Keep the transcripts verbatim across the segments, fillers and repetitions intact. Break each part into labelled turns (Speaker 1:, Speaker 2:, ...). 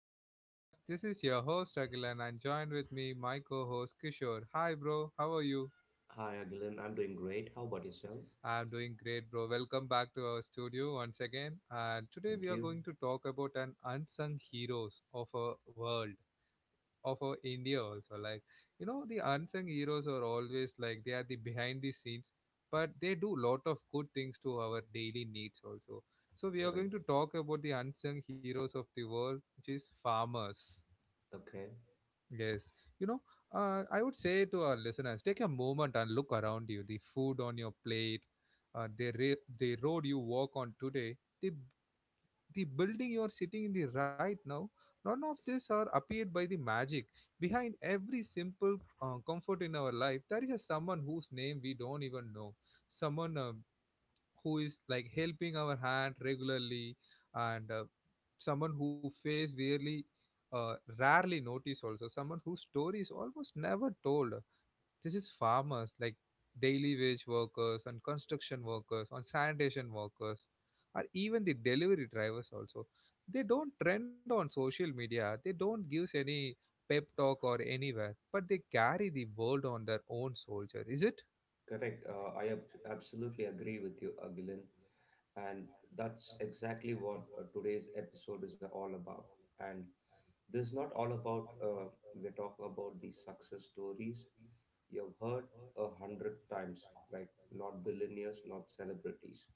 Speaker 1: my podcast. This is your host Agilan and joined with me my co-host Kishore. Hi bro, how are you?
Speaker 2: Hi, Agilan. I'm doing great. How about yourself?
Speaker 1: I'm doing great bro. Welcome back to our studio once again. And today we
Speaker 2: Thank
Speaker 1: are
Speaker 2: you.
Speaker 1: going to talk about an unsung heroes of our world. Of our India also. Like, you know, the unsung heroes are always like they are the behind the scenes, but they do lot of good things to our daily needs also. So we are going
Speaker 2: Correct.
Speaker 1: to talk about the unsung heroes of the world, which is farmers.
Speaker 2: Okay.
Speaker 1: Yes, you know, uh, I would say to our listeners, take a moment and look around you. The food on your plate, uh, the ra- the road you walk on today, the the building you are sitting in the right now, none of this are appeared by the magic. Behind every simple uh, comfort in our life, there is a someone whose name we don't even know. Someone uh, who is like helping our hand regularly, and uh, someone who face really uh, rarely noticed also. Someone whose story is almost never told. This is farmers, like daily wage workers and construction workers and sanitation workers, or even the delivery drivers also. They don't trend on social media, they don't give any pep talk or anywhere, but they carry the world on their own soldier, is it?
Speaker 2: Correct. Uh, I ab- absolutely agree with you, Agilan. And that's exactly what uh, today's episode is all about. And this is not all about, uh, we're talking about these success stories you've heard a hundred times, like not billionaires, not celebrities.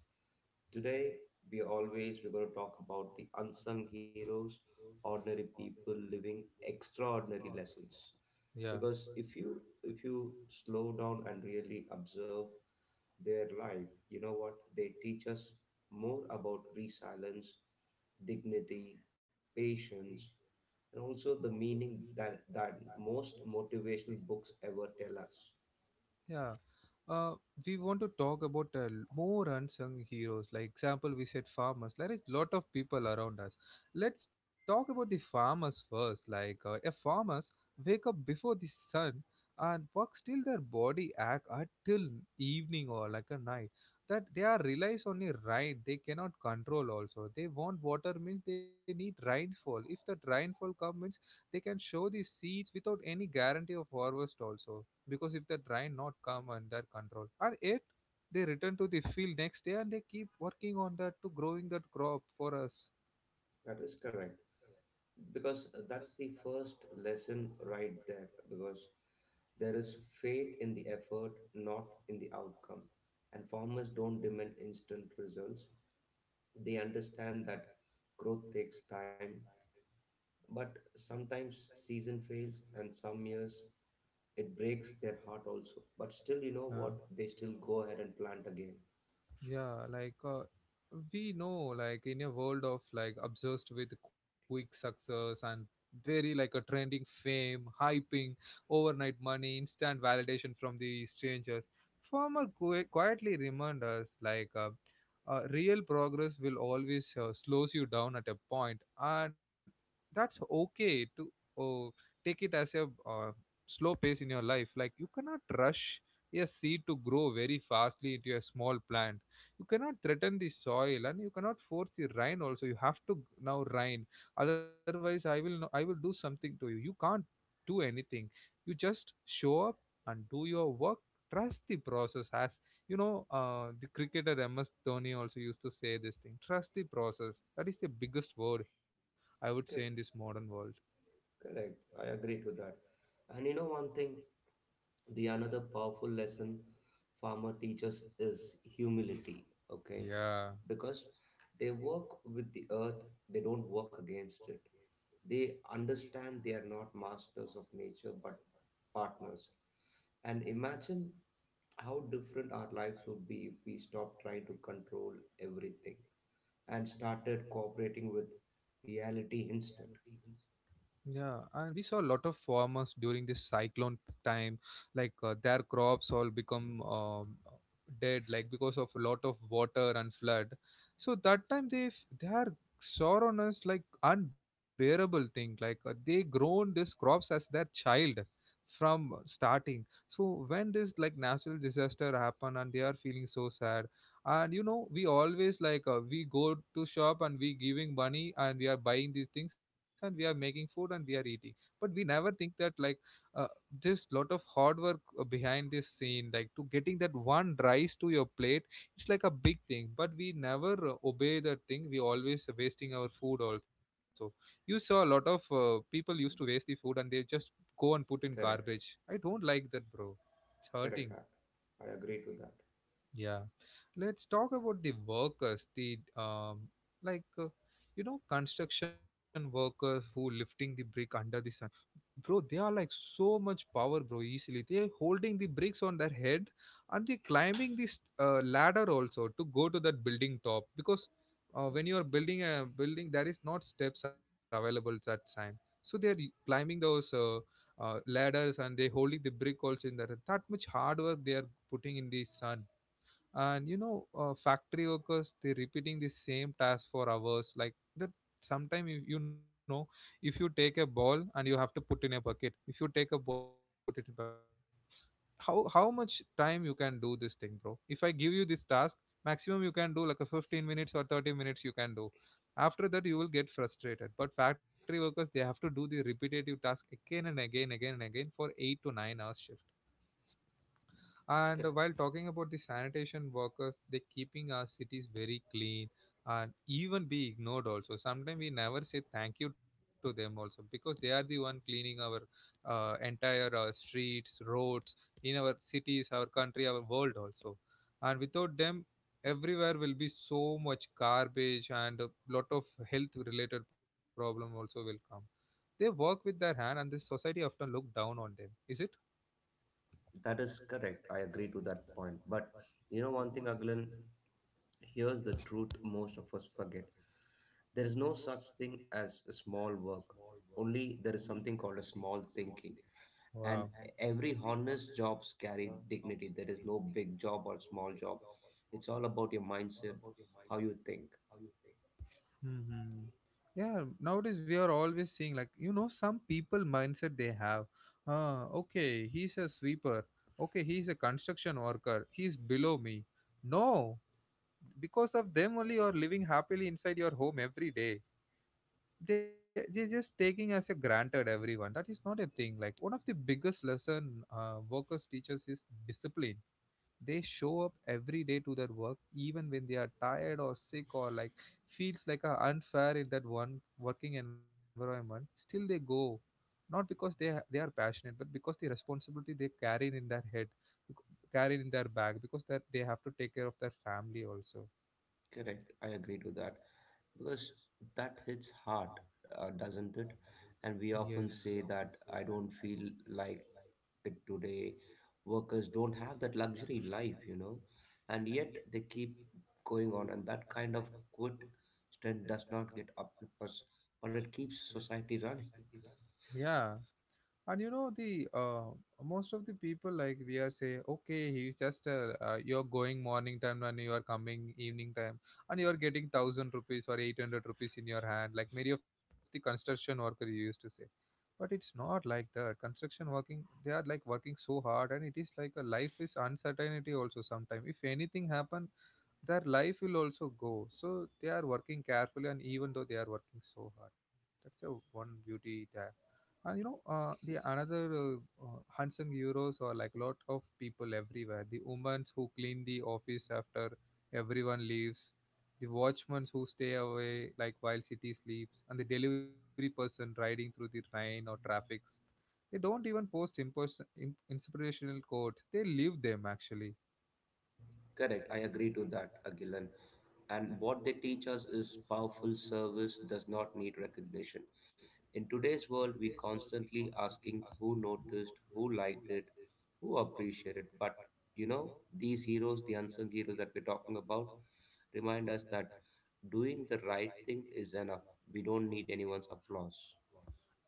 Speaker 2: Today, we always, we're going to talk about the unsung heroes, ordinary people living extraordinary lessons.
Speaker 1: Yeah.
Speaker 2: Because if you if you slow down and really observe their life, you know what they teach us more about? Resilience, dignity, patience, and also the meaning that that most motivational books ever tell us.
Speaker 1: Yeah. Uh, we want to talk about uh, l- more unsung heroes. Like example, we said farmers. There is lot of people around us. Let's talk about the farmers first. Like uh, a farmers wake up before the sun and works till their body ache until evening or like a night. That they are relies on a rain. They cannot control also. They want water means they need rainfall. If that rainfall comes means they can show the seeds without any guarantee of harvest also because if the dry, not come under control and yet they return to the field next day and they keep working on that to growing that crop for us.
Speaker 2: That is correct, because that's the first lesson right there. Because there is faith in the effort, not in the outcome. And farmers don't demand instant results. They understand that growth takes time, but sometimes season fails and some years it breaks their heart also. But still, you know
Speaker 1: uh,
Speaker 2: what? They still go ahead and plant again.
Speaker 1: Yeah, like uh, we know, like in a world of like obsessed with quick success and very like a trending fame, hyping, overnight money, instant validation from the strangers, Farmer qui- quietly remind us like uh, uh, real progress will always uh, slows you down at a point, and that's okay to uh, take it as a uh, slow pace in your life. Like you cannot rush a seed to grow very fastly into a small plant. You cannot threaten the soil and you cannot force the rain also. You have to now rain, otherwise I will, no, I will do something to you. You can't do anything. You just show up and do your work, trust the process. As you know, uh, the cricketer M S Dhoni also used to say this thing, trust the process. That is the biggest word I would say in this
Speaker 2: Correct,
Speaker 1: modern world.
Speaker 2: correct. I agree to that. And you know one thing, the another powerful lesson farmer teaches is humility, okay?
Speaker 1: Yeah.
Speaker 2: Because they work with the earth, they don't work against it. They understand they are not masters of nature but partners. And imagine how different our lives would be if we stopped trying to control everything and started cooperating with reality instead.
Speaker 1: Yeah, and we saw a lot of farmers during this cyclone time, like uh, their crops all
Speaker 2: Mm.
Speaker 1: become um, dead, like because of a lot of water and flood. So that time they f- they are sorrow us like unbearable thing. Like uh, they grown these crops as their child from starting. So when this like natural disaster happen and they are feeling so sad. And you know, we always like, uh, we go to shop and we giving money and we are buying these things and we are making food and we are eating, but we never think that like uh, there's lot of hard work uh, behind this scene, like to getting that one rice to your plate. It's like a big thing, but we never uh, obey that thing. We always wasting our food also. You saw a lot of uh, people used to waste the food and they just go and put in
Speaker 2: Correct.
Speaker 1: garbage. I don't like that bro, it's hurting.
Speaker 2: Correct. I, I agree to that.
Speaker 1: Yeah, let's talk about the workers. The um, like uh, you know, construction workers who lifting the brick under the sun, bro. They are like so much power, bro. Easily, they are holding the bricks on their head, and they climbing this uh, ladder also to go to that building top, because uh, when you are building a building, there is not steps available at time. So they are climbing those uh, uh, ladders and they holding the brick also in that. That much hard work they are putting in the sun. And you know, uh, factory workers they're repeating the same task for hours like that. Sometimes if you know, if you take a ball and you have to put in a bucket, if you take a ball you have to put it in bucket, how how much time you can do this thing bro? If I give you this task, maximum you can do like a fifteen minutes or thirty minutes you can do. After that you will get frustrated, but factory workers they have to do the repetitive task again and again again and again for eight to nine hours shift. And
Speaker 2: C-.
Speaker 1: while talking about the sanitation workers, they keeping our cities very clean, and even be ignored also. Sometimes we never say thank you to them also, because they are the one cleaning our uh, entire uh, streets, roads in our cities, our country, our world also. And without them, everywhere will be so much garbage and a lot of health related problem also will come. They work with their hand and the society often look down on them, is it?
Speaker 2: That is correct. I agree to that point. But you know, one thing, Aglan, here's the truth most of us forget. There is no such thing as a small work. Only there is something called a small thinking. And
Speaker 1: Wow.
Speaker 2: every honest jobs carry dignity. There is no big job or small job. It's all about your mindset, how you think.
Speaker 1: Hmm. Yeah, nowadays we are always seeing, like you know, some people mindset they have. Ah, okay, he's a sweeper. Okay, he's a construction worker. He's below me. No, because of them only you are living happily inside your home every day. They they're just taking as a granted everyone. That is not a thing. Like one of the biggest lesson uh, workers teaches is discipline. They show up every day to their work, even when they are tired or sick, or like feels like a unfair in that one working environment. Still, they go, not because they ha- they are passionate, but because the responsibility they carry in their head, bec- carry in their bag, because that they have to take care of their family also.
Speaker 2: Correct, I agree to that. Because that hits hard, uh, doesn't it? And we
Speaker 1: Yes.
Speaker 2: often say that I don't feel like it today. Workers don't have that luxury life, you know. And yet they keep going on, and that kind of quit strength does not get applause, but it keeps society running.
Speaker 1: Yeah. And you know the uh, most of the people like we are say okay he's just uh, uh, you're going morning time and you are coming evening time and you are getting thousand rupees or eight hundred rupees in your hand, like many of the construction worker you used to say. But it's not like that. Construction working they are like working so hard and it is like a life is uncertainty also. Sometime if anything happen, their life will also go. So they are working carefully and even though they are working so hard, that's the one beauty there. And you know, uh, the another uh, uh, unsung heroes are like lot of people everywhere: the women who clean the office after everyone leaves, the watchmen who stay away like while city sleeps, and the delivery person riding through the rain or traffic. They don't even post impos- imp- inspirational quotes. They live them actually.
Speaker 2: Correct, I agree to that, Agilan. And what they teach us is powerful. Service does not need recognition. In today's world we constantly asking who noticed, who liked it, who appreciated. But you know, these heroes, the unsung heroes that we're talking about, remind us that doing the right thing is enough. We don't need anyone's applause.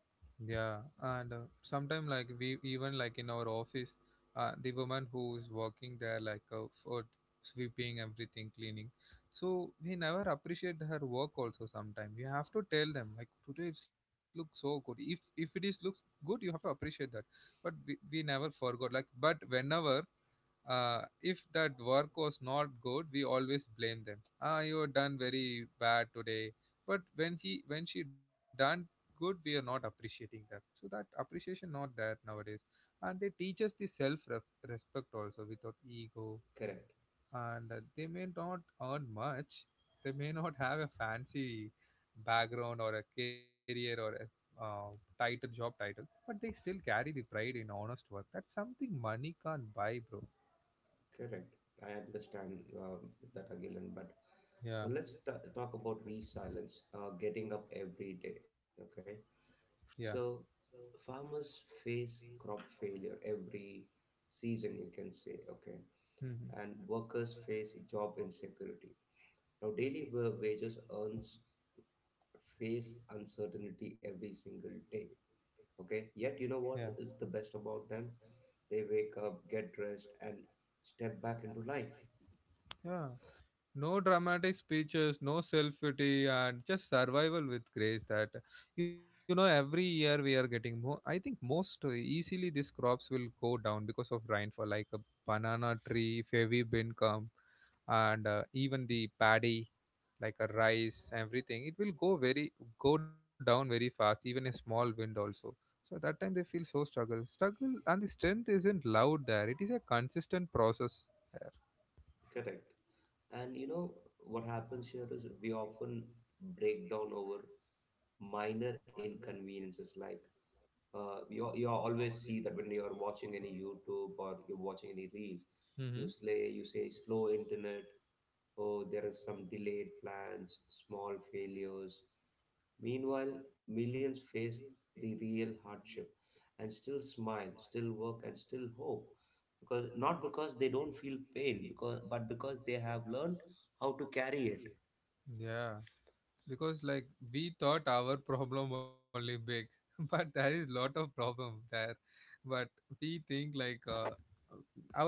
Speaker 1: Yeah, and uh, sometimes like we even like in our office, uh, the woman who's working there like uh, for sweeping everything, cleaning. So we never appreciate her work also. Sometimes you have to tell them like today it looks so good. If if it is looks good, you have to appreciate that. But we, we never forgot like. But whenever uh, if that work was not good, we always blame them. Ah, you done very bad today. But when he when she done good, we are not appreciating that. So that appreciation not there nowadays. And they teach us the self respect also without ego.
Speaker 2: Correct,
Speaker 1: And uh, they may not earn much. They may not have a fancy background or a career or a uh, title, job title, but they still carry the pride in honest work. That's something money can't buy, bro.
Speaker 2: correct. I understand um, that, Agilan, but
Speaker 1: Yeah.
Speaker 2: well, let's ta talk about resilience, uh, getting up every day. Okay.
Speaker 1: Yeah.
Speaker 2: So farmers face crop failure every season, you can say, okay,
Speaker 1: Hmm.
Speaker 2: and workers face job insecurity. Now, daily wa- wages earns face uncertainty every single day, okay. Yet, you know
Speaker 1: Yeah.
Speaker 2: what is the best about them? They wake up, get dressed, and step back into life.
Speaker 1: Yeah. No dramatic speeches, no self pity, and just survival with grace. That, you know, every year we are getting more. I think most easily these crops will go down because of rainfall, like a banana tree, if heavy bin come, and uh, even the paddy, like a rice, everything. It will go very go down very fast. Even a small wind also. So that time they feel so struggle, struggle, and the strength isn't loud there. It is a consistent process there.
Speaker 2: Correct. And you know what happens here is we often break down over minor inconveniences. Like uh, you you always see that when you are watching any YouTube or you're watching any reels, you
Speaker 1: hmm
Speaker 2: slay you say slow internet. Oh, there is some delayed plans, small failures. Meanwhile, millions face the real hardship, and still smile, still work, and still hope. Because not because they don't feel pain, because but because they have learned how to carry it.
Speaker 1: Yeah, because like we thought our problem only big but there is lot of problem there, but we think like uh,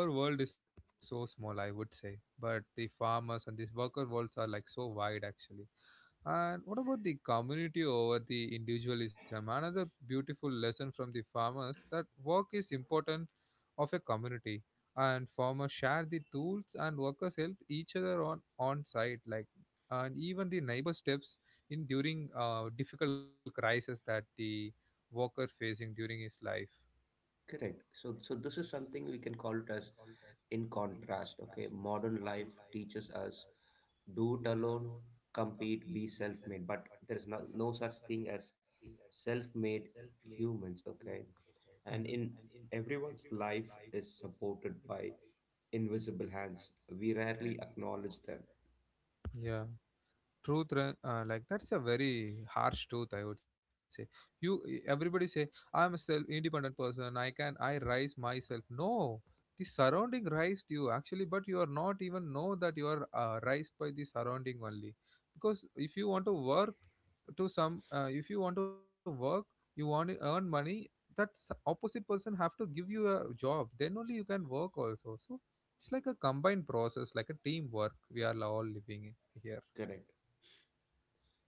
Speaker 1: our world is so small, I would say, but the farmers and these worker worlds are like so wide actually. And what about the community over the individualism? Another beautiful lesson from the farmers that work is important of a community, and farmers share the tools and workers help each other on on site like, and even the neighbor steps in during uh, difficult crisis that the worker facing during his life.
Speaker 2: Correct. So so this is something we can call it as in contrast. Okay, modern life teaches us do it alone, compete, be self made. But there's no, no such thing as self made humans, okay?
Speaker 1: hmm
Speaker 2: And in everyone's life is supported by invisible hands. We rarely acknowledge them.
Speaker 1: Yeah. Truth ra- uh, like that's a very harsh truth, I would say. You e- everybody say I'm a self independent person, i can i rise myself. No, the surrounding raised you actually, but you are not even know that you are uh, raised by the surrounding only. Because if you want to work to some uh, if you want to work, you want to earn money, that s- opposite person have to give you a job, then only you can work also. So it's like a combined process, like a teamwork we are all living in here.
Speaker 2: Correct.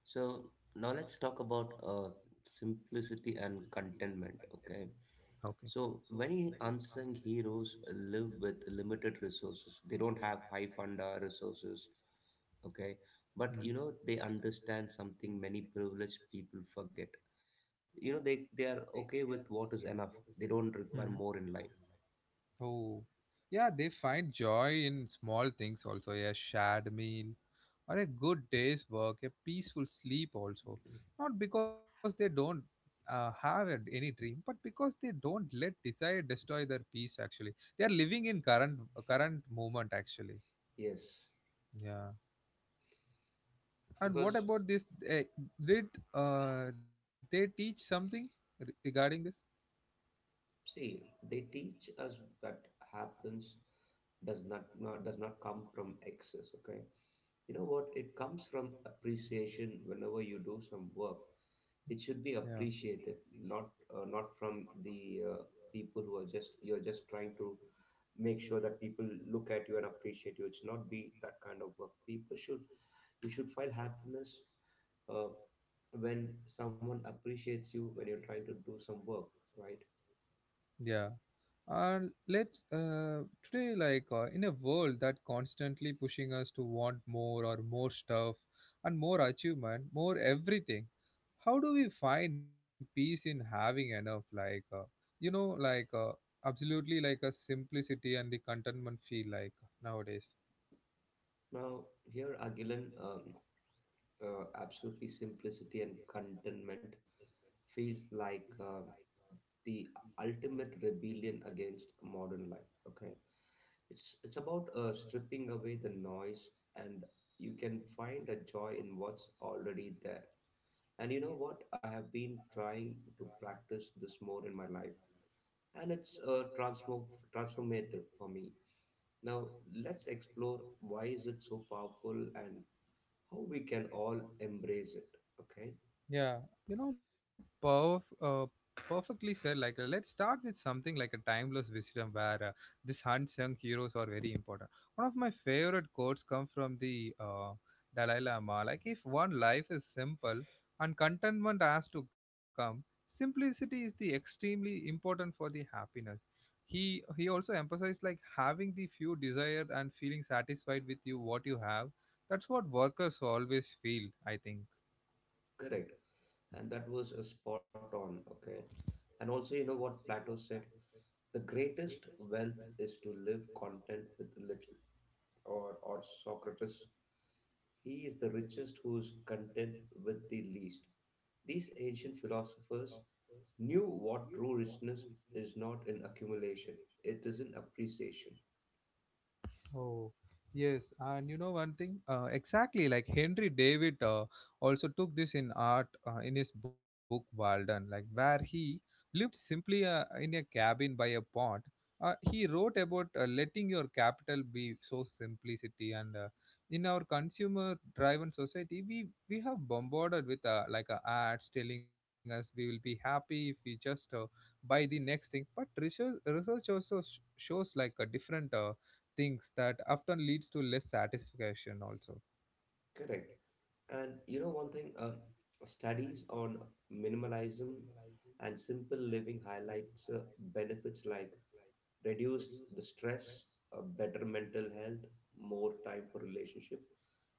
Speaker 2: So now let's talk about uh, simplicity and contentment. Okay.
Speaker 1: Okay.
Speaker 2: So many unsung heroes live with limited resources. They don't have high funda resources. Okay. But
Speaker 1: Mm.
Speaker 2: you know, they understand something many privileged people forget.
Speaker 1: get
Speaker 2: You know, they, they are okay with what is enough. They don't
Speaker 1: hmm
Speaker 2: require more in
Speaker 1: life.
Speaker 2: life.
Speaker 1: Oh, yeah, they find joy in small things also. A shared meal or a good day's work, a peaceful sleep also. Not because they don't uh, have a- any dream, but because they don't let desire destroy their peace actually. They are living in current current moment actually.
Speaker 2: Yes,
Speaker 1: Yeah. And what
Speaker 2: because
Speaker 1: about this? eh, Did uh, they teach something re- regarding this?
Speaker 2: see, they teach us that happens does not, not does not come from excess. Okay. You know what? It comes from appreciation whenever you do some work. It
Speaker 1: Yeah.
Speaker 2: should be appreciated, not uh, not from the uh, people who are just, you're just trying to make sure that people look at you and appreciate you. It should not be that kind of work. People should, you should find happiness uh, when someone appreciates you when you're trying to do some work, right?
Speaker 1: Yeah. And let's uh, today, like uh, in a world that constantly pushing us to want more or more stuff and more achievement, more everything, how do we find peace in having enough? Like, uh, you know, like uh, absolutely like a simplicity and the contentment feel like nowadays.
Speaker 2: Now here, Agilan, um, uh, absolutely simplicity and contentment feels like, um, the ultimate rebellion against modern life. Okay, it's it's about uh, stripping away the noise, and you can find a joy in what's already there. And you know what? I have been trying to practice this more in my life, and it's uh, transform transformative for me. Now let's explore why is it so powerful and how we can all embrace it. Okay,
Speaker 1: Yeah. You know, power, uh, perfectly said like uh, let's start with something like a timeless wisdom where uh, these unsung heroes are very important. One of my favorite quotes come from the uh, Dalai Lama, like if one life is simple and contentment has to come, simplicity is the extremely important for the happiness. he he also emphasized like having the few desired and feeling satisfied with you what you have. That's what workers always feel, I think.
Speaker 2: correct. And that was a spot on. Okay, and also, you know what Plato said? The greatest wealth is to live content with little. Or, or Socrates, he is the richest who is content with the least. These ancient philosophers knew what true richness is: not in accumulation, it is in appreciation.
Speaker 1: Oh, yes. And you know one thing? Uh, exactly. Like Henry David uh, also took this in art uh, in his book Walden, like where he lived simply uh, in a cabin by a pond. Uh, he wrote about uh, letting your capital be so simplicity and uh, in our consumer driven society we we have bombarded with uh, like uh, ads telling us we will be happy if we just uh, buy the next thing. But research research also sh- shows like a different uh, things that often leads to less satisfaction also.
Speaker 2: Correct. And you know, one thing, uh, studies on minimalism and simple living highlights uh, benefits like reduce the stress, a better mental health, more time for relationship,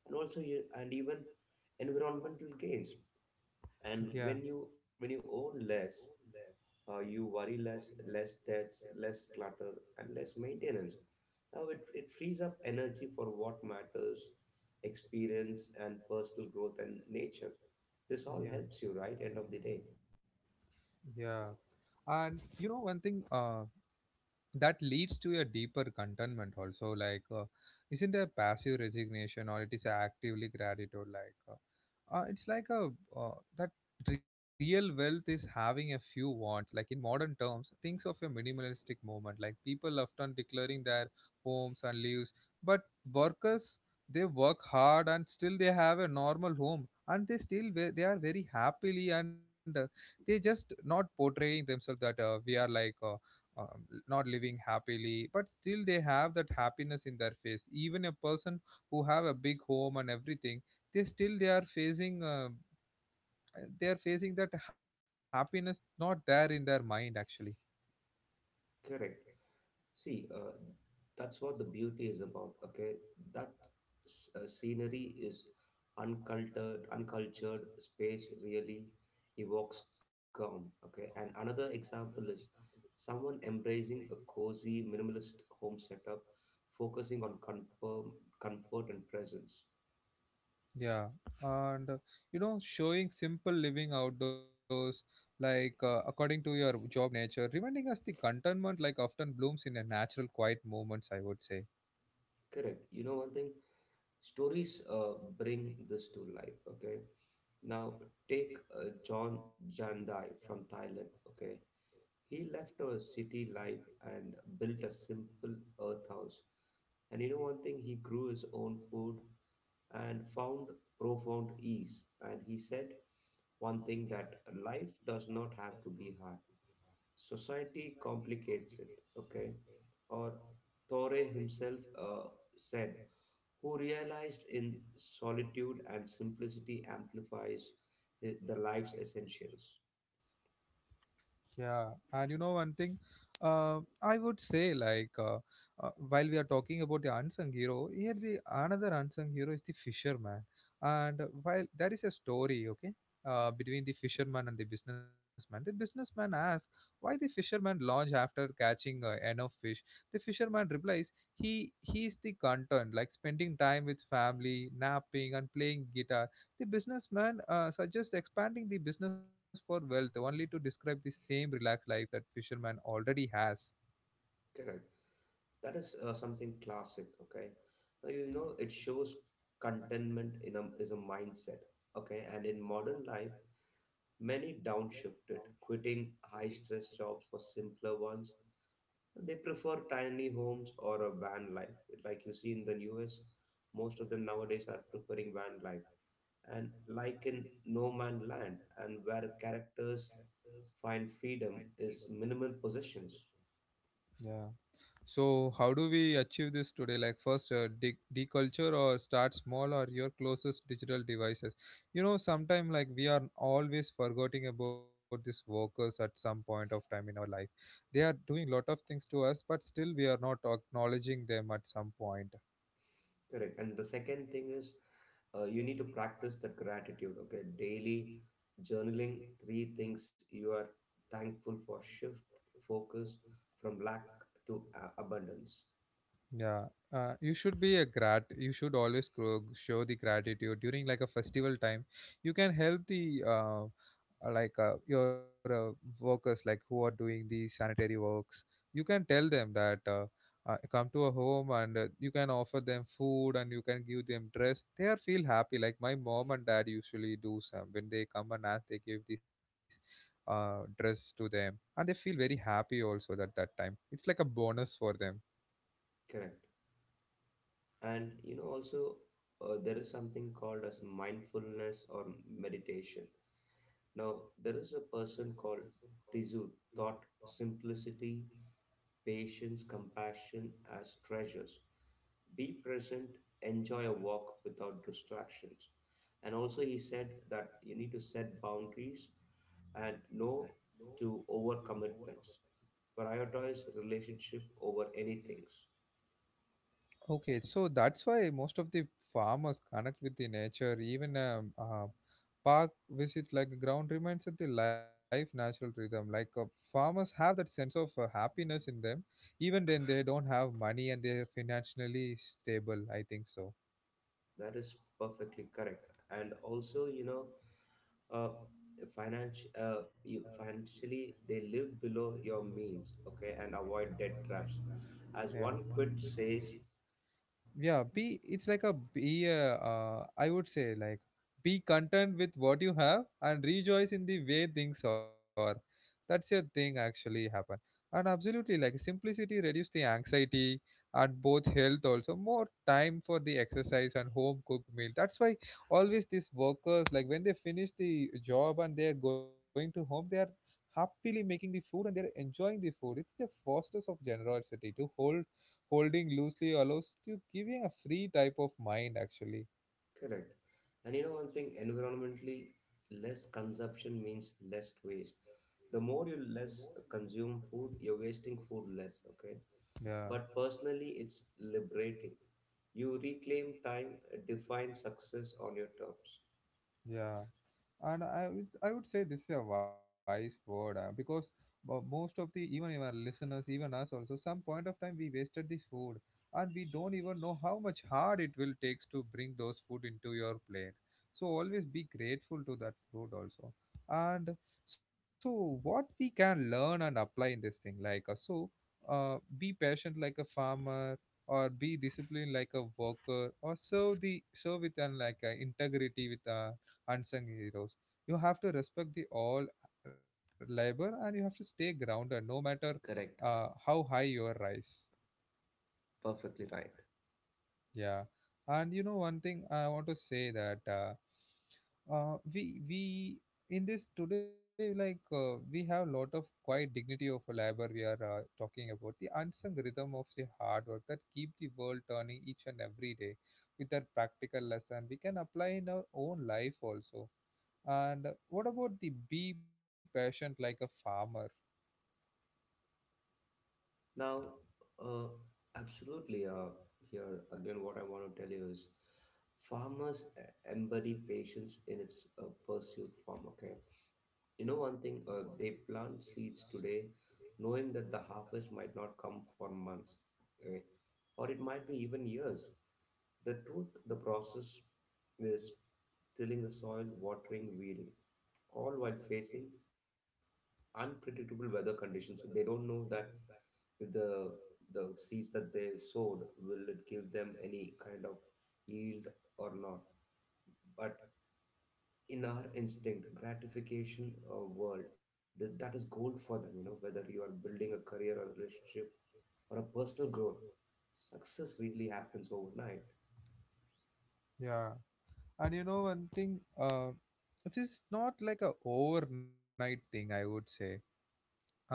Speaker 2: and also you- and even environmental gains. And
Speaker 1: yeah
Speaker 2: when you when you own less, uh, you worry less, less debts, less clutter, and less maintenance. Now it, it frees up energy for what matters, experience and personal growth and nature. This all
Speaker 1: yeah
Speaker 2: helps you, right? End of the day.
Speaker 1: yeah, and you know one thing uh that leads to a deeper contentment also, like uh, isn't a passive resignation, or it is a actively gratitude, like uh, uh, it's like a uh, that real wealth is having a few wants. Like in modern terms, things of a minimalistic movement, like people often declaring their homes and lives, but workers, they work hard and still they have a normal home, and they still ve- they are very happily and uh, they just not portraying themselves that uh, we are like uh, um, not living happily, but still they have that happiness in their face. Even a person who have a big home and everything, they still they are facing uh, uh, they are facing that happiness not there in their mind actually.
Speaker 2: Correct. See, uh, that's what the beauty is about. Okay, that s- uh, scenery is uncultured, uncultured space really evokes calm. Okay, and another example is someone embracing a cozy minimalist home setup, focusing on confirm, comfort and presence.
Speaker 1: Yeah, and uh, you know, showing simple living outdoors, like uh, according to your job nature, reminding us the contentment like often blooms in a natural quiet moments, I would say.
Speaker 2: Correct. You know one thing, stories uh, bring this to life. Okay, now take uh, John Jandai from Thailand. Okay. He left a city life and built a simple earth house. And you know one thing, he grew his own food and found profound ease. And he said one thing, that life does not have to be hard. Society complicates it, okay? Or Thore himself uh, said, who realized in solitude and simplicity amplifies hi- the life's essentials.
Speaker 1: Yeah, and you know one thing, uh, I would say like uh, uh, while we are talking about the unsung hero, here the another unsung hero is the fisherman, and uh, while there is a story, okay, uh, between the fisherman and the businessman. The businessman asks why the fisherman launch after catching uh, enough fish. The fisherman replies he he's the content, like spending time with family, napping and playing guitar. The businessman uh, suggests expanding the business for wealth only to describe the same relaxed life that fisherman already has.
Speaker 2: Correct. That is uh, something classic, okay. Now you know it shows contentment in a, is a mindset, okay. And in modern life many downshifted, quitting high stress jobs for simpler ones. They prefer tiny homes or a van life, like you see in the U S. Most of them nowadays are preferring van life, and like in no man land and where characters find freedom is minimal possessions.
Speaker 1: Yeah. So, how do we achieve this today? Like, first, uh, de- deculture or start small or your closest digital devices. You know, sometime like, we are always forgetting about these workers at some point of time in our life. They are doing lot of things to us, but still, we are not acknowledging them at some point.
Speaker 2: Correct. And the second thing is, uh, you need to practice that gratitude. Okay, daily journaling three things you are thankful for. Shift focus from lack to uh, abundance.
Speaker 1: Yeah, uh, you should be a grat. You should always grow, show the gratitude during like a festival time. You can help the uh, uh, like uh, your uh, workers like who are doing the sanitary works. You can tell them that uh, uh, come to a home and uh, you can offer them food and you can give them dress. They are feel happy. Like my mom and dad usually do some when they come and ask, they give this uh, dress to them, and they feel very happy also at that time. It's like a bonus for them.
Speaker 2: Correct. And you know also, uh, there is something called as mindfulness or meditation. Now there is a person called Tizu. Thought simplicity, patience, compassion as treasures. Be present, enjoy a walk without distractions. And also, he said that you need to set boundaries and no to overcommitments. Prioritize relationship over anything.
Speaker 1: Okay, so that's why most of the farmers connect with the nature. Even a, uh park visit, like a ground, reminds of the life natural rhythm. Like uh, farmers have that sense of uh, happiness in them, even then they don't have money and they're financially stable. I think so.
Speaker 2: That is perfectly correct. And also, you know, uh, financial uh, you financially they live below your means, okay, and avoid debt traps, as
Speaker 1: Yeah.
Speaker 2: one quote says.
Speaker 1: yeah be it's like a be uh, uh, I would say like, be content with what you have and rejoice in the way things are. That's a thing actually happen. And absolutely, like simplicity reduce the anxiety and both health also, more time for the exercise and home cooked meal. That's why always these workers, like when they finish the job and they are going to home, they are happily making the food and they're enjoying the food. It's the fosters of generosity to hold holding loosely allows to giving a free type of mind actually.
Speaker 2: Correct. And you know one thing, environmentally, less consumption means less waste. The more you less consume food, you're wasting food less, okay?
Speaker 1: yeah
Speaker 2: But personally, it's liberating. You reclaim time, define success on your terms.
Speaker 1: yeah and I would, I would say this is a wise word uh, because uh, most of the even our listeners, even us also, some point of time we wasted this food, and we don't even know how much hard it will takes to bring those food into your plate. So always be grateful to that food also. And so what we can learn and apply in this thing, like uh, so uh, be patient like a farmer, or be disciplined like a worker, or serve the serve with an like uh, integrity with uh, unsung heroes. You have to respect the all labor, and you have to stay grounded no matter
Speaker 2: Correct.
Speaker 1: uh, how high your rise.
Speaker 2: Perfectly right.
Speaker 1: Yeah, and you know one thing I want to say that uh, uh, we we in this today, like uh, we have lot of quiet dignity of labor. We are uh, talking about the unsung rhythm of the hard work that keep the world turning each and every day, with that practical lesson we can apply in our own life also. And what about the be patient like a farmer?
Speaker 2: Now, uh, absolutely, uh, here again, what I want to tell you is farmers e- embody patience in its uh, pursued form, okay? You know one thing, uh, they plant seeds today knowing that the harvest might not come for months, okay? Or it might be even years. The truth, the process is tilling the soil, watering, weeding, all while facing unpredictable weather conditions. They don't know that if the the seeds that they sowed will it give them any kind of yield or not. But in our instinct gratification uh, world, that, that is gold for them. You know, whether you are building a career or a relationship or a personal growth, success really happens overnight.
Speaker 1: Yeah. And you know one thing, uh, it is not like a overnight thing, I would say. Uh,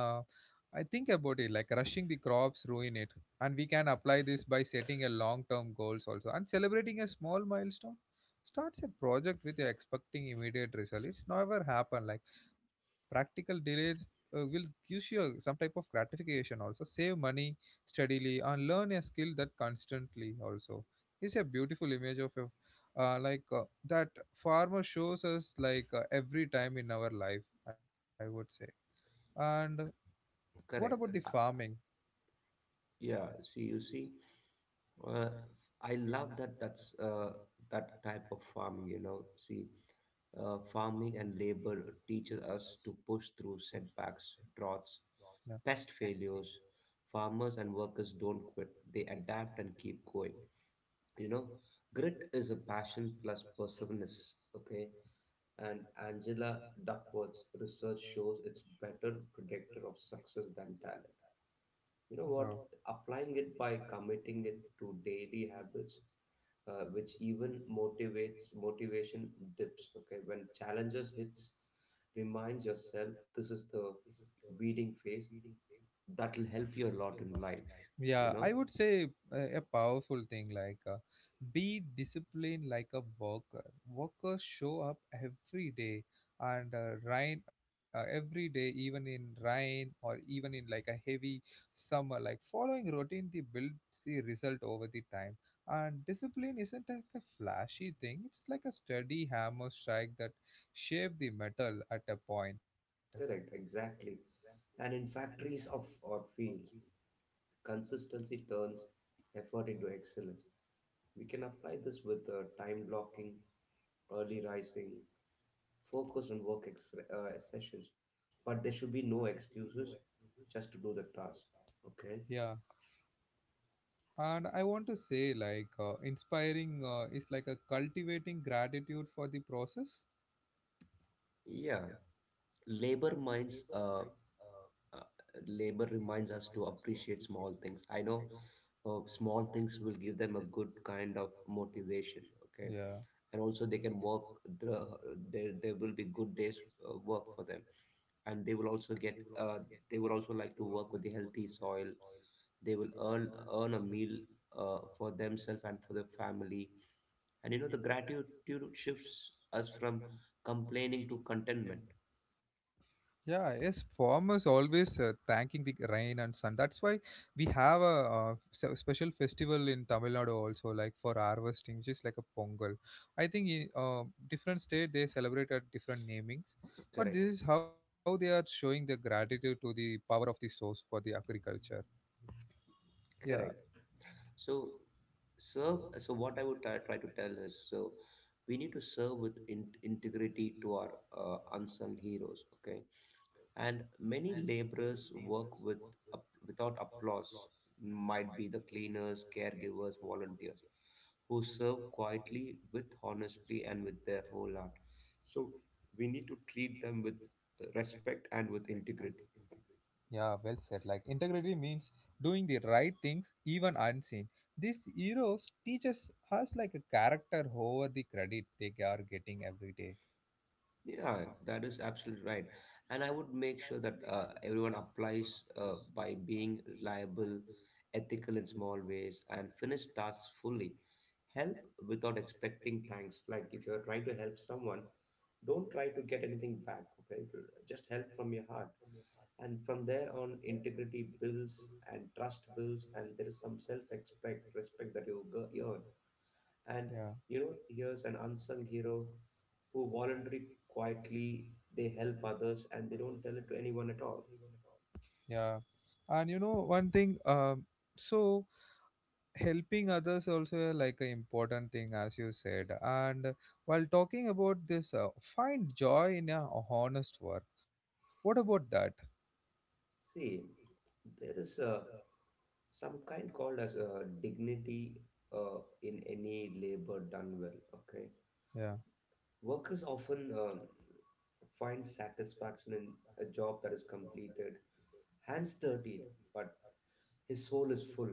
Speaker 1: I think about it like rushing the crops ruin it, and we can apply this by setting a long term goals also and celebrating a small milestone. Starts a project with you expecting immediate result, it's never happen. Like practical delays uh, will give you some type of gratification also. Save money steadily and learn a skill that constantly also. It's a beautiful image of a uh, like uh, that farmer shows us like uh, every time in our life, I would say. And what about the
Speaker 2: Correct. Uh,
Speaker 1: farming?
Speaker 2: yeah. See, you see, uh, I love that. That's uh, that type of farming. You know, see, uh, farming and labor teaches us to push through setbacks, droughts,
Speaker 1: Yeah.
Speaker 2: pest failures. Farmers and workers don't quit; they adapt and keep going. You know, grit is a passion plus perseverance, okay? And Angela Duckworth's research shows it's better predictor of success than talent. You know what?
Speaker 1: Oh.
Speaker 2: Applying it by committing it to daily habits, uh, which even motivates motivation dips, okay? When challenges hits, reminds yourself this is the weeding phase that will help you a lot in life, you
Speaker 1: Yeah,
Speaker 2: know?
Speaker 1: I would say a, a powerful thing like uh, be disciplined like a worker. Workers show up every day and uh, rain uh, every day, even in rain or even in like a heavy summer. Like following routine, they build the result over the time. And discipline isn't like a flashy thing. It's like a steady hammer strike that shape the metal at a point.
Speaker 2: Correct, exactly. And in factories of or fields, consistency turns effort into excellence. We can apply this with uh, time blocking, early rising, focus on work ex- uh, sessions, but there should be no excuses just to do the task. Okay.
Speaker 1: Yeah. And I want to say, like, uh, inspiring uh, is like a cultivating gratitude for the process.
Speaker 2: Yeah, labor minds. Uh, uh, labor reminds us to appreciate small things. I know uh, small things will give them a good kind of motivation. Okay,
Speaker 1: Yeah.
Speaker 2: and also they can work the there there will be good days uh, work for them, and they will also get uh, they would also like to work with the healthy soil. They will earn earn a meal uh, for themselves and for the family. And you know the gratitude shifts us from complaining to contentment.
Speaker 1: Yeah, yes, farmers always uh, thanking the rain and sun. That's why we have a, uh se- special festival in Tamil Nadu also, like for harvesting, which is like a Pongal. I think in uh, different state they celebrate at different namings, but this
Speaker 2: Correct.
Speaker 1: is how they are showing the gratitude to the power of the source for the agriculture. Yeah.
Speaker 2: Correct. So serve so what I would try, try to tell is, so we need to serve with in- integrity to our uh, unsung heroes. Okay. And many laborers work with up- without applause. Might be the cleaners, caregivers, volunteers who serve quietly with honestly and with their whole heart. So we need to treat them with uh, respect and with integrity.
Speaker 1: Yeah, well said. Like integrity means doing the right things even unseen. These heroes teaches us like a character over the credit they are getting every day.
Speaker 2: Yeah, that is absolutely right. And I would make sure that uh, everyone applies uh, by being reliable, ethical in small ways, and finish tasks fully. Help without expecting thanks. Like if you're trying to help someone, don't try to get anything back, okay? Just help from your heart. And from there on, integrity builds and trust builds, and there is some self-expect, respect that you go- earn. And
Speaker 1: Yeah,
Speaker 2: you know, here's an unsung hero who voluntarily quietly they help others and they don't tell it to anyone at all.
Speaker 1: yeah. And you know one thing, um, so helping others also uh, like an important thing as you said. And uh, while talking about this, uh, find joy in a honest work. What about that?
Speaker 2: See, there is a some kind called as a dignity uh, in any labor done well. Okay.
Speaker 1: Yeah,
Speaker 2: Workers often um, find satisfaction in a job that is completed, hands dirtied, but his soul is full.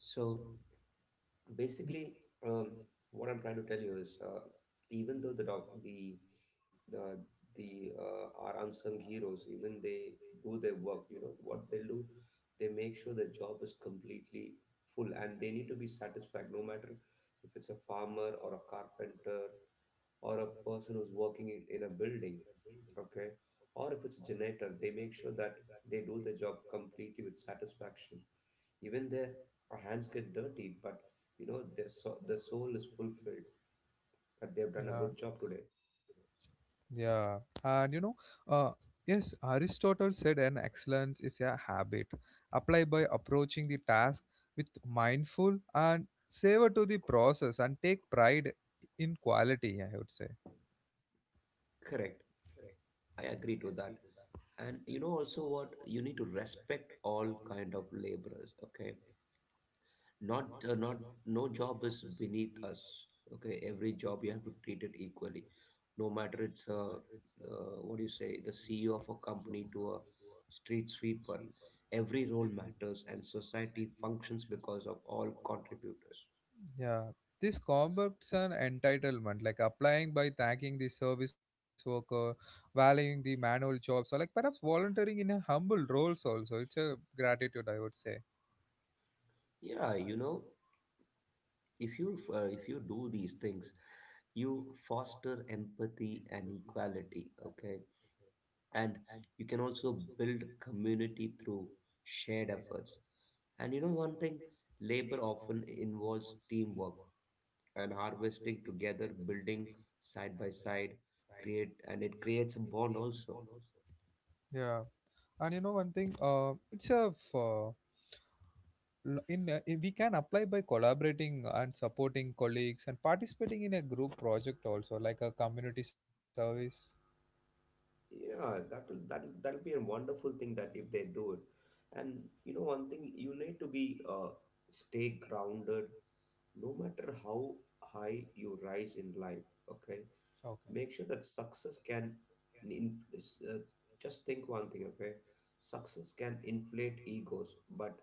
Speaker 2: So basically, um, what I'm trying to tell you is, uh, even though the doc the the the uh, our unsung heroes, even they do their work, you know what they do, they make sure the job is completely full and they need to be satisfied, no matter if it's a farmer or a carpenter, or a person who's working in, in a building. Okay. Or if it's a generator, they make sure that they do the job completely with satisfaction. Even their hands get dirty, but you know their so- the soul is fulfilled, that they've done a
Speaker 1: yeah.
Speaker 2: good job today.
Speaker 1: Yeah, and you know, uh, yes, Aristotle said an excellence is a habit applied by approaching the task with mindful and savor to the process and take pride in quality, I would say.
Speaker 2: Correct. I agree to that. And you know also, what you need to respect all kind of laborers. Okay. Not uh, not no job is beneath us. Okay, every job you have to treat it equally, no matter it's a uh, what do you say, the CEO of a company to a street sweeper. Every role matters and society functions because of all contributors.
Speaker 1: Yeah, this concepts an entitlement, like applying by thanking the service worker, valuing the manual jobs, or like perhaps volunteering in a humble roles also. It's a gratitude, I would say.
Speaker 2: Yeah, you know, if you uh, if you do these things, you foster empathy and equality. Okay. And you can also build community through shared efforts. And you know one thing, labor often involves teamwork and harvesting together, building side by side, create and it creates a bond also.
Speaker 1: Yeah. And you know one thing, uh, it's a f- uh, l- in, uh, in we can apply by collaborating and supporting colleagues and participating in a group project also like a community service.
Speaker 2: Yeah, that will that will that'll be a wonderful thing that if they do it. And you know one thing, you need to be uh stay grounded, no matter how high you rise in life. Okay,
Speaker 1: Okay.
Speaker 2: make sure that success can in, is, uh, just think one thing. Okay, success can inflate egos, but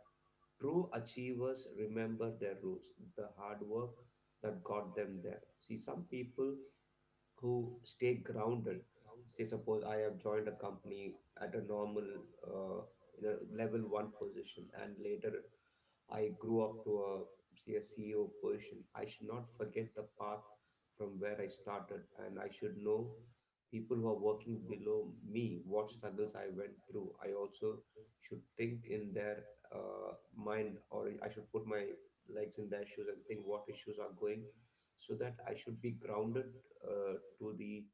Speaker 2: true achievers remember their roots, the hard work that got them there. See, some people who stay grounded, say suppose I have joined a company at a normal, uh, you know, level one position, and later I grew up to a, say, a CEO position. I should not forget the path from where I started, and I should know people who are working below me what struggles I went through. I also should think in their uh, mind, or I should put my legs in their shoes and think what issues are going, so that I should be grounded uh, to the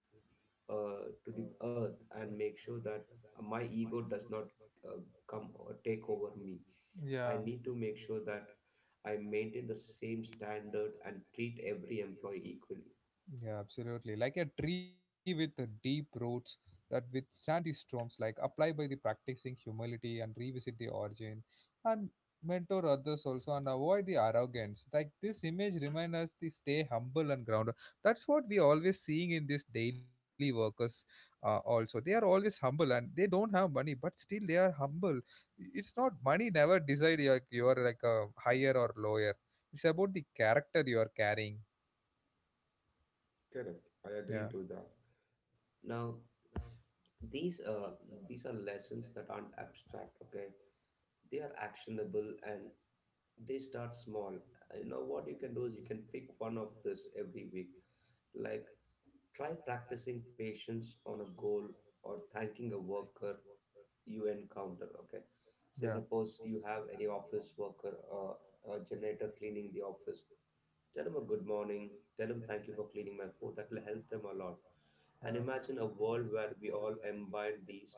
Speaker 2: uh, to the earth, and make sure that my ego does not uh, come or take over me. I
Speaker 1: Yeah.
Speaker 2: need to make sure that I maintain the same standard and treat every employee equally.
Speaker 1: Yeah, absolutely. Like a tree with uh, deep roots that withstand the storms, like apply by the practicing humility and revisit the origin and mentor others also and avoid the arrogance. Like this image reminds us to stay humble and grounded. That's what we always seeing in these daily workers uh, also. They are always humble and they don't have money, but still they are humble. It's not money never decide you're, you're like a higher or lower. It's about the character you are carrying.
Speaker 2: Correct. I agree
Speaker 1: Yeah.
Speaker 2: to that. Now, these uh, these are lessons that aren't abstract. Okay, they are actionable and they start small. You know what you can do is you can pick one of this every week. Like, try practicing patience on a goal or thanking a worker you encounter. Okay, say
Speaker 1: Yeah.
Speaker 2: suppose you have any office worker or a janitor cleaning the office, tell them a good morning, tell them thank you for cleaning my floor. That will help them a lot. And
Speaker 1: Yeah,
Speaker 2: imagine a
Speaker 1: and
Speaker 2: world where we all imbibe these,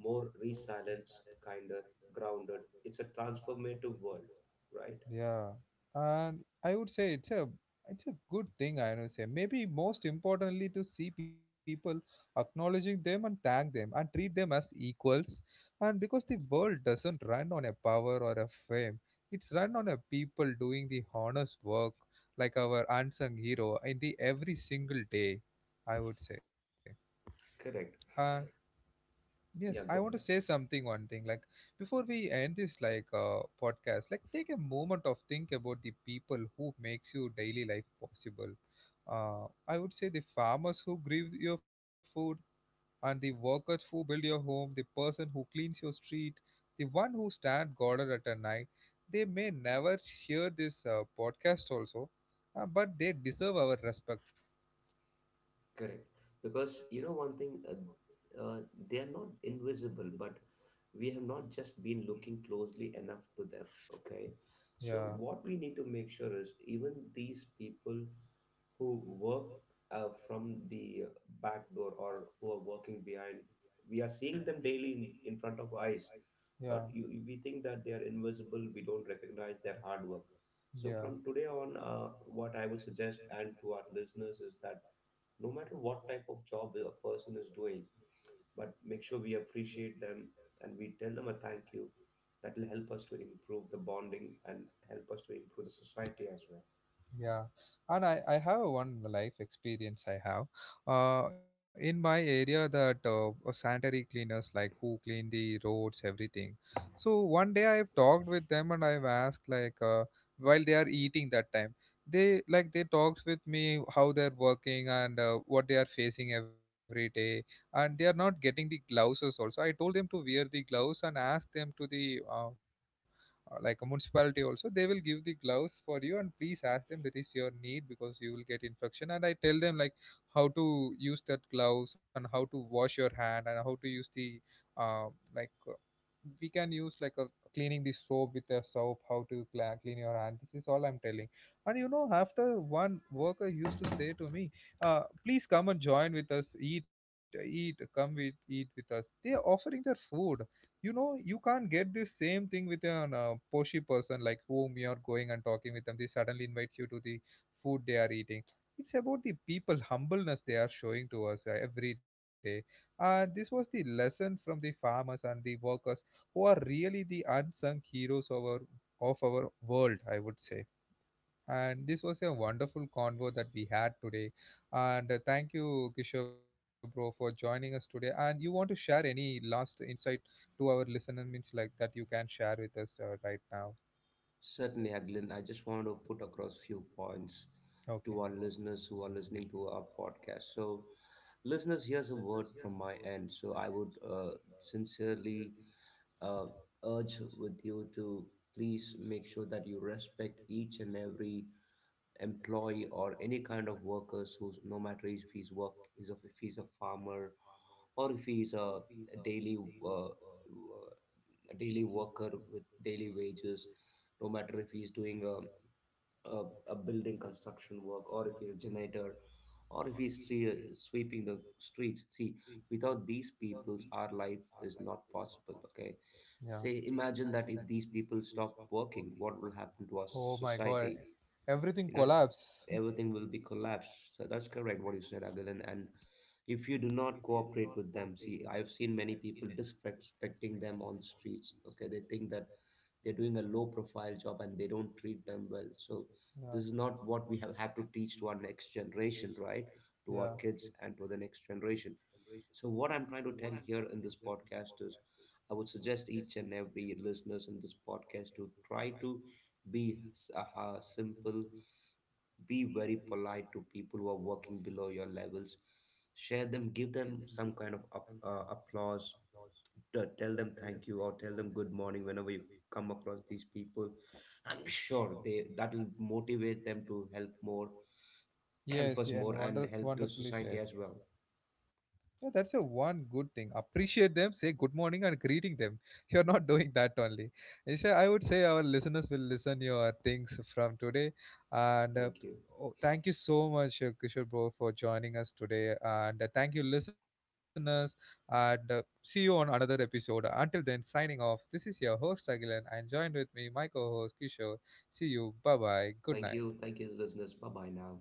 Speaker 2: more resilience, kinder, grounded. It's a transformative world, right?
Speaker 1: Yeah, and I would say it's a it's a good thing. I would say maybe most importantly to see people acknowledging them and thank them and treat them as equals. And because the world doesn't run on a power or a fame, it's run on a people doing the honest work, like our unsung hero in the every single day. I would say,
Speaker 2: Correct.
Speaker 1: and yes, I
Speaker 2: Yeah,
Speaker 1: want to
Speaker 2: go
Speaker 1: say
Speaker 2: ahead.
Speaker 1: something one thing like before we end this like uh, podcast, like take a moment of think about the people who makes your daily life possible. Uh, I would say the farmers who grieve your food and the workers who build your home, the person who cleans your street, the one who stand guard at a night. They may never hear this uh, podcast also, uh, but they deserve our respect.
Speaker 2: Correct. Because you know one thing, uh, uh, they are not invisible, but we have not just been looking closely enough to them. Okay. So
Speaker 1: Yeah,
Speaker 2: what we need to make sure is even these people who work uh, from the back door or who are working behind, we are seeing them daily in, in front of our eyes,
Speaker 1: yeah,
Speaker 2: but you, we think that they are invisible. We don't recognize their hard work. So
Speaker 1: yeah.
Speaker 2: from today on, uh, what I would suggest and to our listeners is that no matter what type of job a person is doing, but make sure we appreciate them and we tell them a thank you. That will help us to improve the bonding and help us to improve the society as well.
Speaker 1: Yeah, and I, I have one life experience I have. Uh, in my area, that uh, uh, sanitary cleaners like who clean the roads, everything. So one day I've talked with them and I've asked like uh, while they are eating that time, they like they talked with me how they're working and uh, what they are facing every day, and they are not getting the gloves also. I told them to wear the gloves and asked them to the uh, uh, like a municipality also they will give the gloves for you and please ask them that is your need because you will get infection. And I tell them like how to use that gloves and how to wash your hand and how to use the uh, like uh, we can use like a cleaning the soap with a soap, how to cla- clean your hand. This is all I'm telling. And you know, after one worker used to say to me, uh, please come and join with us, eat eat come with eat with us. They are offering their food. You know, you can't get this same thing with an uh, poshy person, like whom you're going and talking with them, they suddenly invite you to the food they are eating. It's about the people humbleness they are showing to us uh, every day. And this was the lesson from the farmers and the workers who are really the unsung heroes of our of our world, I would say. And this was a wonderful convo that we had today. And uh, thank you, Kishore bro, for joining us today. And you want to share any last insight to our listener, means like that you can share with us uh, right now.
Speaker 2: Certainly, Aglin, I just wanted to put across few points
Speaker 1: Okay.
Speaker 2: to our listeners who are listening to our podcast. So, listeners, here's a word from my end. So, I would uh, sincerely uh, urge with you to please make sure that you respect each and every employee or any kind of workers who's, no matter if he's work is of, if he's a farmer, or if he's a daily uh, a daily worker with daily wages, no matter if he's doing a, a, a building construction work, or if he's a generator, or if he's stre- sweeping the streets. See, without these peoples our life is not possible. Okay.
Speaker 1: Yeah.
Speaker 2: Say imagine that if these people stop working, what will happen to our
Speaker 1: Oh my God.
Speaker 2: society?
Speaker 1: Everything
Speaker 2: you know
Speaker 1: collapse.
Speaker 2: Everything will be collapsed. So that's correct what you said, Agalan. And if you do not cooperate with them, see I've seen many people disrespecting them on the streets. Okay, they think that they're doing a low profile job and they don't treat them well. So this is
Speaker 1: Yeah.
Speaker 2: not what we have had to teach to our next generation, right? To our
Speaker 1: Yeah.
Speaker 2: kids and to the next generation. So what I'm trying to tell here in this podcast is, I would suggest each and every listeners in this podcast to try to be s- uh, simple, be very polite to people who are working below your levels. Share them, give them some kind of up, uh, applause. Uh, tell them thank you or tell them good morning whenever you come across these people. I'm sure they that'll motivate them to help more, help
Speaker 1: Yes,
Speaker 2: us
Speaker 1: yeah,
Speaker 2: more,
Speaker 1: and
Speaker 2: and
Speaker 1: wonder,
Speaker 2: help the
Speaker 1: wonderfully
Speaker 2: society
Speaker 1: said.
Speaker 2: as well.
Speaker 1: Yeah, that's a one good thing. Appreciate them, say good morning and greeting them. You're not doing that only. Isha, I would say our listeners will listen your things from today. And uh,
Speaker 2: Thank you.
Speaker 1: oh, thank you so much, uh, Kishore bro, for joining us today. And uh, thank you, listeners. And uh, see you on another episode. Until then, signing off. This is your host Agilan, and joined with me, my co-host Kishore. See you. Bye bye. Good
Speaker 2: Thank
Speaker 1: night.
Speaker 2: you. Thank you, listeners. Bye bye now.